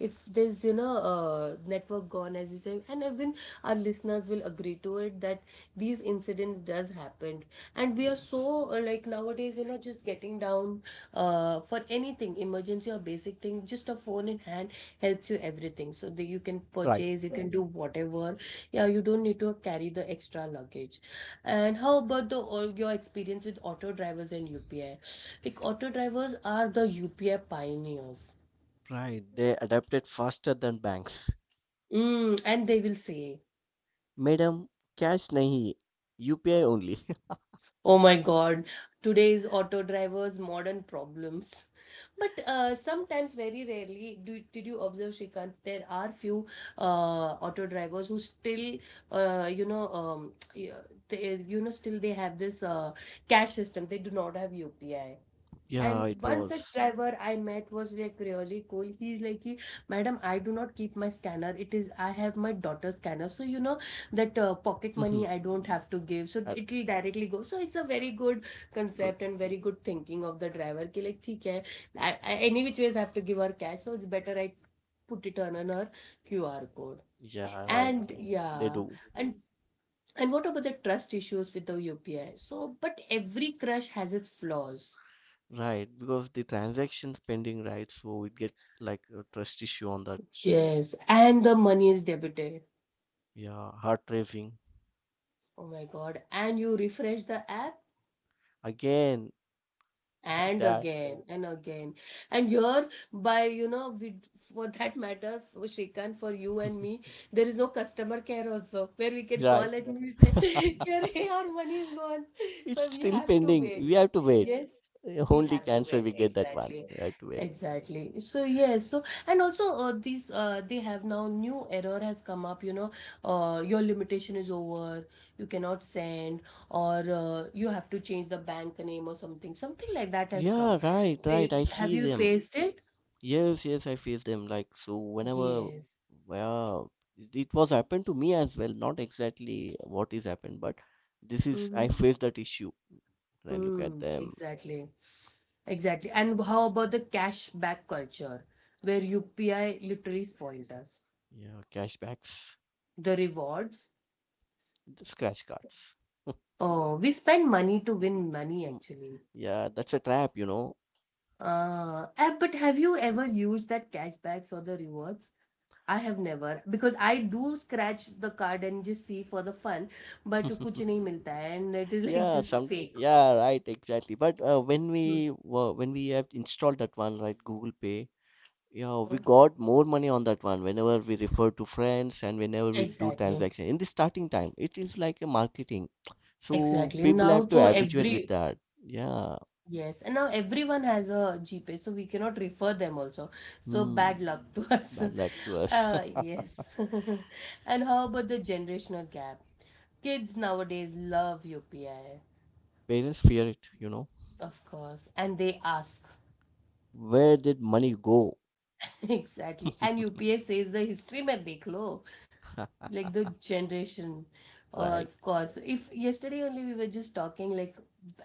[SPEAKER 1] if there's, you know, network gone, as you say, and even our listeners will agree to it that these incidents does happen. And we are
[SPEAKER 2] Yes.
[SPEAKER 1] so, like, nowadays, you know, just getting down for anything, emergency or basic thing, just a phone in hand helps you everything. So that you can
[SPEAKER 2] Right.
[SPEAKER 1] purchase, you can do whatever. Yeah, you don't need to carry the extra luggage. And how about the all your experience with auto drivers and UPI? Like auto drivers are the UPI pioneers.
[SPEAKER 2] Right. They adapted faster than banks.
[SPEAKER 1] Mm, and they will say,
[SPEAKER 2] Madam, cash nahi, UPI only.
[SPEAKER 1] "Oh my God, today's auto drivers' modern problems." But sometimes, very rarely, did you observe, Shrikant, there are few auto drivers who still, you know, [tsk] yeah, they, you know, still they have this cash system. They do not have UPI.
[SPEAKER 2] [laughs] Yeah,
[SPEAKER 1] And
[SPEAKER 2] it
[SPEAKER 1] one such
[SPEAKER 2] was.
[SPEAKER 1] driver I met was like really cool. He's like, "Ki, Madam, I do not keep my scanner. It is, I have my daughter's scanner. So, you know, that pocket
[SPEAKER 2] Mm-hmm.
[SPEAKER 1] money I don't have to give. So, it will directly go. So, it's a very good
[SPEAKER 2] Good.
[SPEAKER 1] concept and very good thinking of the driver. Ki, like, theek hai, any which ways I have to give her cash. So, it's better I put it on her QR code.
[SPEAKER 2] Yeah, right,
[SPEAKER 1] And
[SPEAKER 2] right. They
[SPEAKER 1] yeah,
[SPEAKER 2] do.
[SPEAKER 1] and and what about the trust issues with the UPI? So, but every crush has its flaws.
[SPEAKER 2] Right, because the transaction pending right? So it get like a trust issue on that.
[SPEAKER 1] Yes, and the money is debited.
[SPEAKER 2] Yeah, heart racing
[SPEAKER 1] Oh my God. And you refresh the app,
[SPEAKER 2] again, like
[SPEAKER 1] and
[SPEAKER 2] that.
[SPEAKER 1] again and again, and here by you know, we, for that matter, for Shrikant, for you and
[SPEAKER 2] [laughs]
[SPEAKER 1] me, there is no customer care also where we can call
[SPEAKER 2] Right.
[SPEAKER 1] and we say, [laughs] "Kya
[SPEAKER 2] [laughs]
[SPEAKER 1] re, our money is gone,
[SPEAKER 2] It's
[SPEAKER 1] so we
[SPEAKER 2] still
[SPEAKER 1] have to
[SPEAKER 2] pending.
[SPEAKER 1] wait."
[SPEAKER 2] We have to wait.
[SPEAKER 1] Yes, we
[SPEAKER 2] Only
[SPEAKER 1] have to
[SPEAKER 2] cancer
[SPEAKER 1] wait
[SPEAKER 2] we get that one.
[SPEAKER 1] exactly.
[SPEAKER 2] We have to wait.
[SPEAKER 1] Exactly. So yes, so and also these they have now new error has come up, you know, your limitation is over, you cannot send, or you have to change the bank name or something, something like that has come.
[SPEAKER 2] Yeah, right,
[SPEAKER 1] So you,
[SPEAKER 2] right. I
[SPEAKER 1] have
[SPEAKER 2] see
[SPEAKER 1] you
[SPEAKER 2] them.
[SPEAKER 1] faced it?
[SPEAKER 2] Yes, yes, I face them. Like so, whenever,
[SPEAKER 1] Yes.
[SPEAKER 2] well, it was happened to me as well. Not exactly what is happened, but this is
[SPEAKER 1] Mm-hmm.
[SPEAKER 2] I face that issue. And I look at
[SPEAKER 1] Mm,
[SPEAKER 2] them.
[SPEAKER 1] exactly. Exactly. And how about the cashback culture, where UPI literally spoils us?
[SPEAKER 2] Yeah, cashbacks,
[SPEAKER 1] The rewards.
[SPEAKER 2] the scratch cards.
[SPEAKER 1] Oh, we spend money to win money
[SPEAKER 2] [laughs]
[SPEAKER 1] actually.
[SPEAKER 2] Yeah, that's a trap, you know.
[SPEAKER 1] But have you ever used that cashbacks or the rewards? I have never, because I do scratch the card and just see for the fun, but कुछ
[SPEAKER 2] [laughs]
[SPEAKER 1] नहीं मिलता है and it is [laughs] like
[SPEAKER 2] Yeah,
[SPEAKER 1] just
[SPEAKER 2] some
[SPEAKER 1] fake.
[SPEAKER 2] yeah, right, exactly. But when we were when we have installed that one, right, Google Pay, yeah, we
[SPEAKER 1] Mhm.
[SPEAKER 2] got more money on that one whenever we refer to friends and whenever we do
[SPEAKER 1] Exactly.
[SPEAKER 2] transaction. In the starting time, it is like a marketing. So
[SPEAKER 1] Exactly.
[SPEAKER 2] people
[SPEAKER 1] Now
[SPEAKER 2] have to
[SPEAKER 1] though
[SPEAKER 2] habituate with
[SPEAKER 1] every
[SPEAKER 2] that. Yeah.
[SPEAKER 1] yes, and now everyone has a GPay, so we cannot refer them also. So
[SPEAKER 2] Hmm.
[SPEAKER 1] bad luck to [laughs] us.
[SPEAKER 2] Bad luck to us. [laughs]
[SPEAKER 1] Yes. [laughs] And how about the generational gap? Kids nowadays love UPI,
[SPEAKER 2] Parents fear it, you know.
[SPEAKER 1] of course, and they ask.
[SPEAKER 2] Where did money go?
[SPEAKER 1] [laughs] Exactly. And
[SPEAKER 2] [laughs]
[SPEAKER 1] UPI says the history में देख लो, like the generation
[SPEAKER 2] Right,
[SPEAKER 1] of course, if yesterday only we were just talking like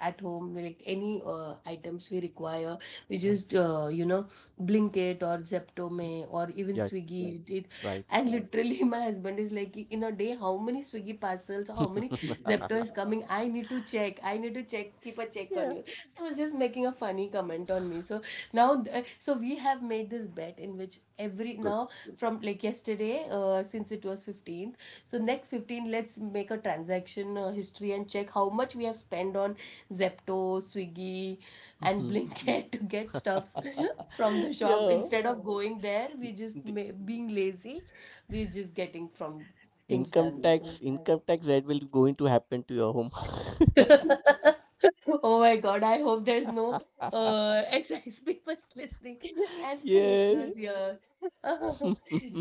[SPEAKER 1] at home, like any items we require, we just
[SPEAKER 2] right,
[SPEAKER 1] you know, blinkit or zepto may or even
[SPEAKER 2] yeah,
[SPEAKER 1] swiggy it.
[SPEAKER 2] right.
[SPEAKER 1] And literally [laughs] my husband is like, in a day how many swiggy parcels, how many [laughs]
[SPEAKER 2] [laughs]
[SPEAKER 1] zepto is coming, I need to check, I need to check, keep a check on
[SPEAKER 2] Yeah,
[SPEAKER 1] you. So I was just making a funny comment on me. So now, so we have made this bet in which every
[SPEAKER 2] good.
[SPEAKER 1] now from like yesterday, since it was 15th, so next 15 let's make a transaction history and check how much we have spent on zepto, swiggy, and [laughs]
[SPEAKER 2] [laughs]
[SPEAKER 1] blinkit to get stuffs [laughs] from the shop,
[SPEAKER 2] Yeah,
[SPEAKER 1] instead of going there we just
[SPEAKER 2] the
[SPEAKER 1] being lazy, we're just getting from things done.
[SPEAKER 2] income tax that will going to happen to your home.
[SPEAKER 1] [laughs] Oh my god, I hope there's no
[SPEAKER 2] [laughs]
[SPEAKER 1] ex people [laughs] listening and the
[SPEAKER 2] Yeah.
[SPEAKER 1] listeners here. [laughs]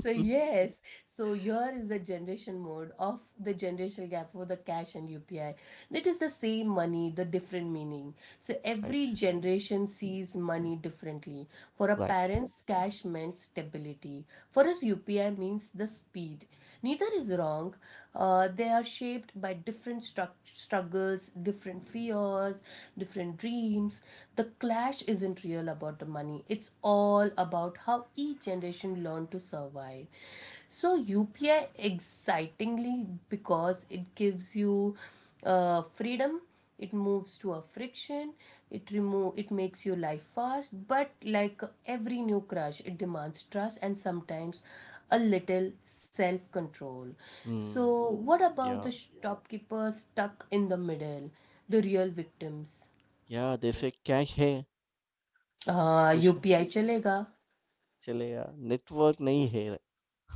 [SPEAKER 1] So yes, so here is the generation mode of the generational gap for the cash and UPI. That is the same money, the different meaning. So every
[SPEAKER 2] Right,
[SPEAKER 1] generation sees money differently. For our
[SPEAKER 2] right.
[SPEAKER 1] parents cash meant stability, for us UPI means the speed. Neither is wrong. They are shaped by different struggles, different fears, different dreams. The clash isn't real about the money, it's all about how each generation learned to survive. So UPI excitingly because it gives you freedom, it moves to a friction, it makes your life fast, but like every new crush it demands trust and sometimes a little self control.
[SPEAKER 2] Hmm.
[SPEAKER 1] So what about the
[SPEAKER 2] Yeah.
[SPEAKER 1] shopkeeper stuck in the middle, the real victims?
[SPEAKER 2] या जैसे cash. है कुछ
[SPEAKER 1] UPI chalega.
[SPEAKER 2] चले या network नहीं है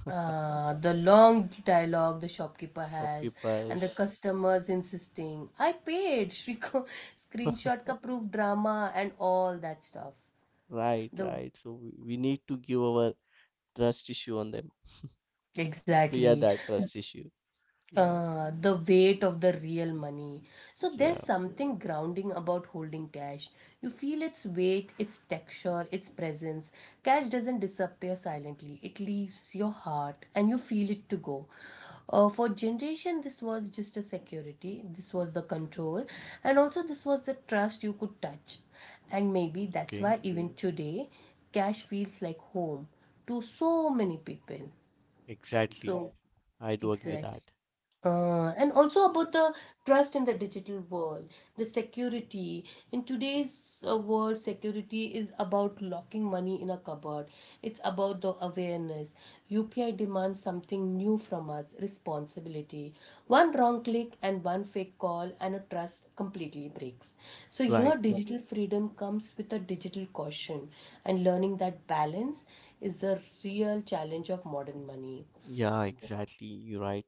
[SPEAKER 1] The long dialogue the shopkeeper has, and
[SPEAKER 2] shopkeepers
[SPEAKER 1] the customers insisting, I paid, [laughs] Shriko screenshot ka proof drama and all that stuff.
[SPEAKER 2] Right
[SPEAKER 1] The
[SPEAKER 2] right so we need to give our trust issue on them [laughs] clear
[SPEAKER 1] exactly.
[SPEAKER 2] that trust issue. Yeah.
[SPEAKER 1] The weight of the real money. So there's
[SPEAKER 2] Yeah,
[SPEAKER 1] something grounding about holding cash. You feel its weight, its texture, its presence. Cash doesn't disappear silently, it leaves your heart and you feel it to go. For generation, this was just a security, this was the control, and also this was the trust you could touch. And maybe that's
[SPEAKER 2] okay.
[SPEAKER 1] why even today, cash feels like home to so many people.
[SPEAKER 2] Exactly.
[SPEAKER 1] So,
[SPEAKER 2] I do agree
[SPEAKER 1] exactly.
[SPEAKER 2] that.
[SPEAKER 1] And also about the trust in the digital world, the security. In today's world, security is about locking money in a cupboard. It's about the awareness. UPI demands something new from us responsibility. One wrong click and one fake call, and a trust completely breaks. So,
[SPEAKER 2] Right.
[SPEAKER 1] your digital freedom comes with a digital caution, and learning that balance is the real challenge of modern money.
[SPEAKER 2] Yeah, exactly. You're right.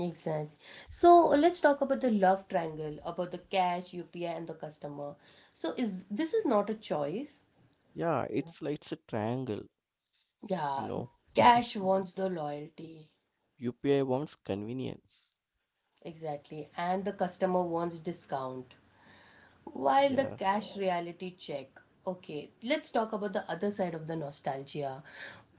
[SPEAKER 1] Exactly. So let's talk about the love triangle, about the cash, UPI, and the customer. So is this is not a choice.
[SPEAKER 2] Yeah, it's like it's a triangle, you
[SPEAKER 1] Yeah,
[SPEAKER 2] know.
[SPEAKER 1] cash wants the loyalty.
[SPEAKER 2] UPI wants convenience.
[SPEAKER 1] Exactly. And the customer wants discount. While the
[SPEAKER 2] Yeah.
[SPEAKER 1] cash reality check, okay, let's talk about the other side of the nostalgia.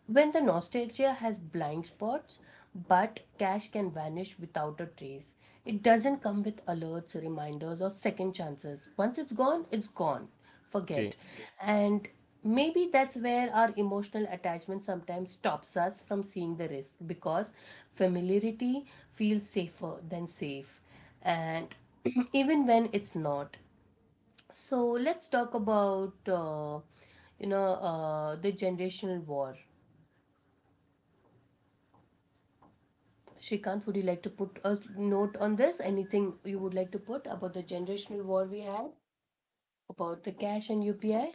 [SPEAKER 1] When the nostalgia has blind spots, but cash can vanish without a trace. It doesn't come with alerts, reminders, or second chances. Once it's gone, it's gone.
[SPEAKER 2] Okay.
[SPEAKER 1] Forget. And maybe that's where our emotional attachment sometimes stops us from seeing the risk, because familiarity feels safer than safe. And [clears throat] even when it's not. So let's talk about you know the generational war. Shrikant, would you like to put a note on this? Anything you would like to put about the generational war we have about the cash and UPI?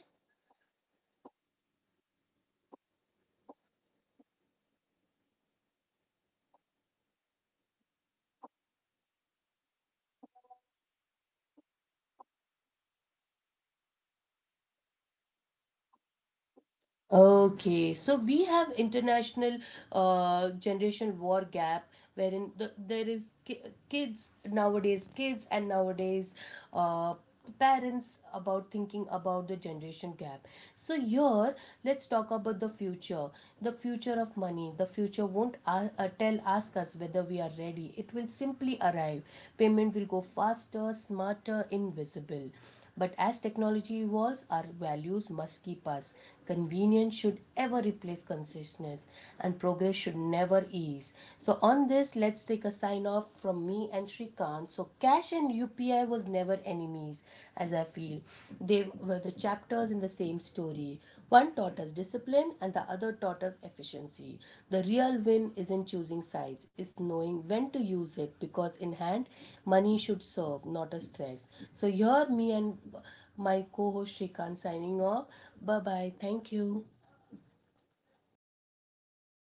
[SPEAKER 1] Okay, so we have international generation war gap, wherein the, there is kids nowadays, kids and nowadays uh, parents about thinking about the generation gap. So here, let's talk about the future of money. The future won't tell ask us whether we are ready. It will simply arrive. Payment will go faster, smarter, invisible. But as technology evolves, our values must keep us. Convenience should ever replace consciousness, and progress should never ease. So, on this, let's take a sign off from me and Shrikant. So, cash and UPI was never enemies, as I feel. They were the chapters in the same story. One taught us discipline and the other taught us efficiency. The real win isn't choosing sides, it's knowing when to use it, because in hand, money should serve, not a stress. So, here me and my co host Shrikant signing off. Bye bye. Thank you.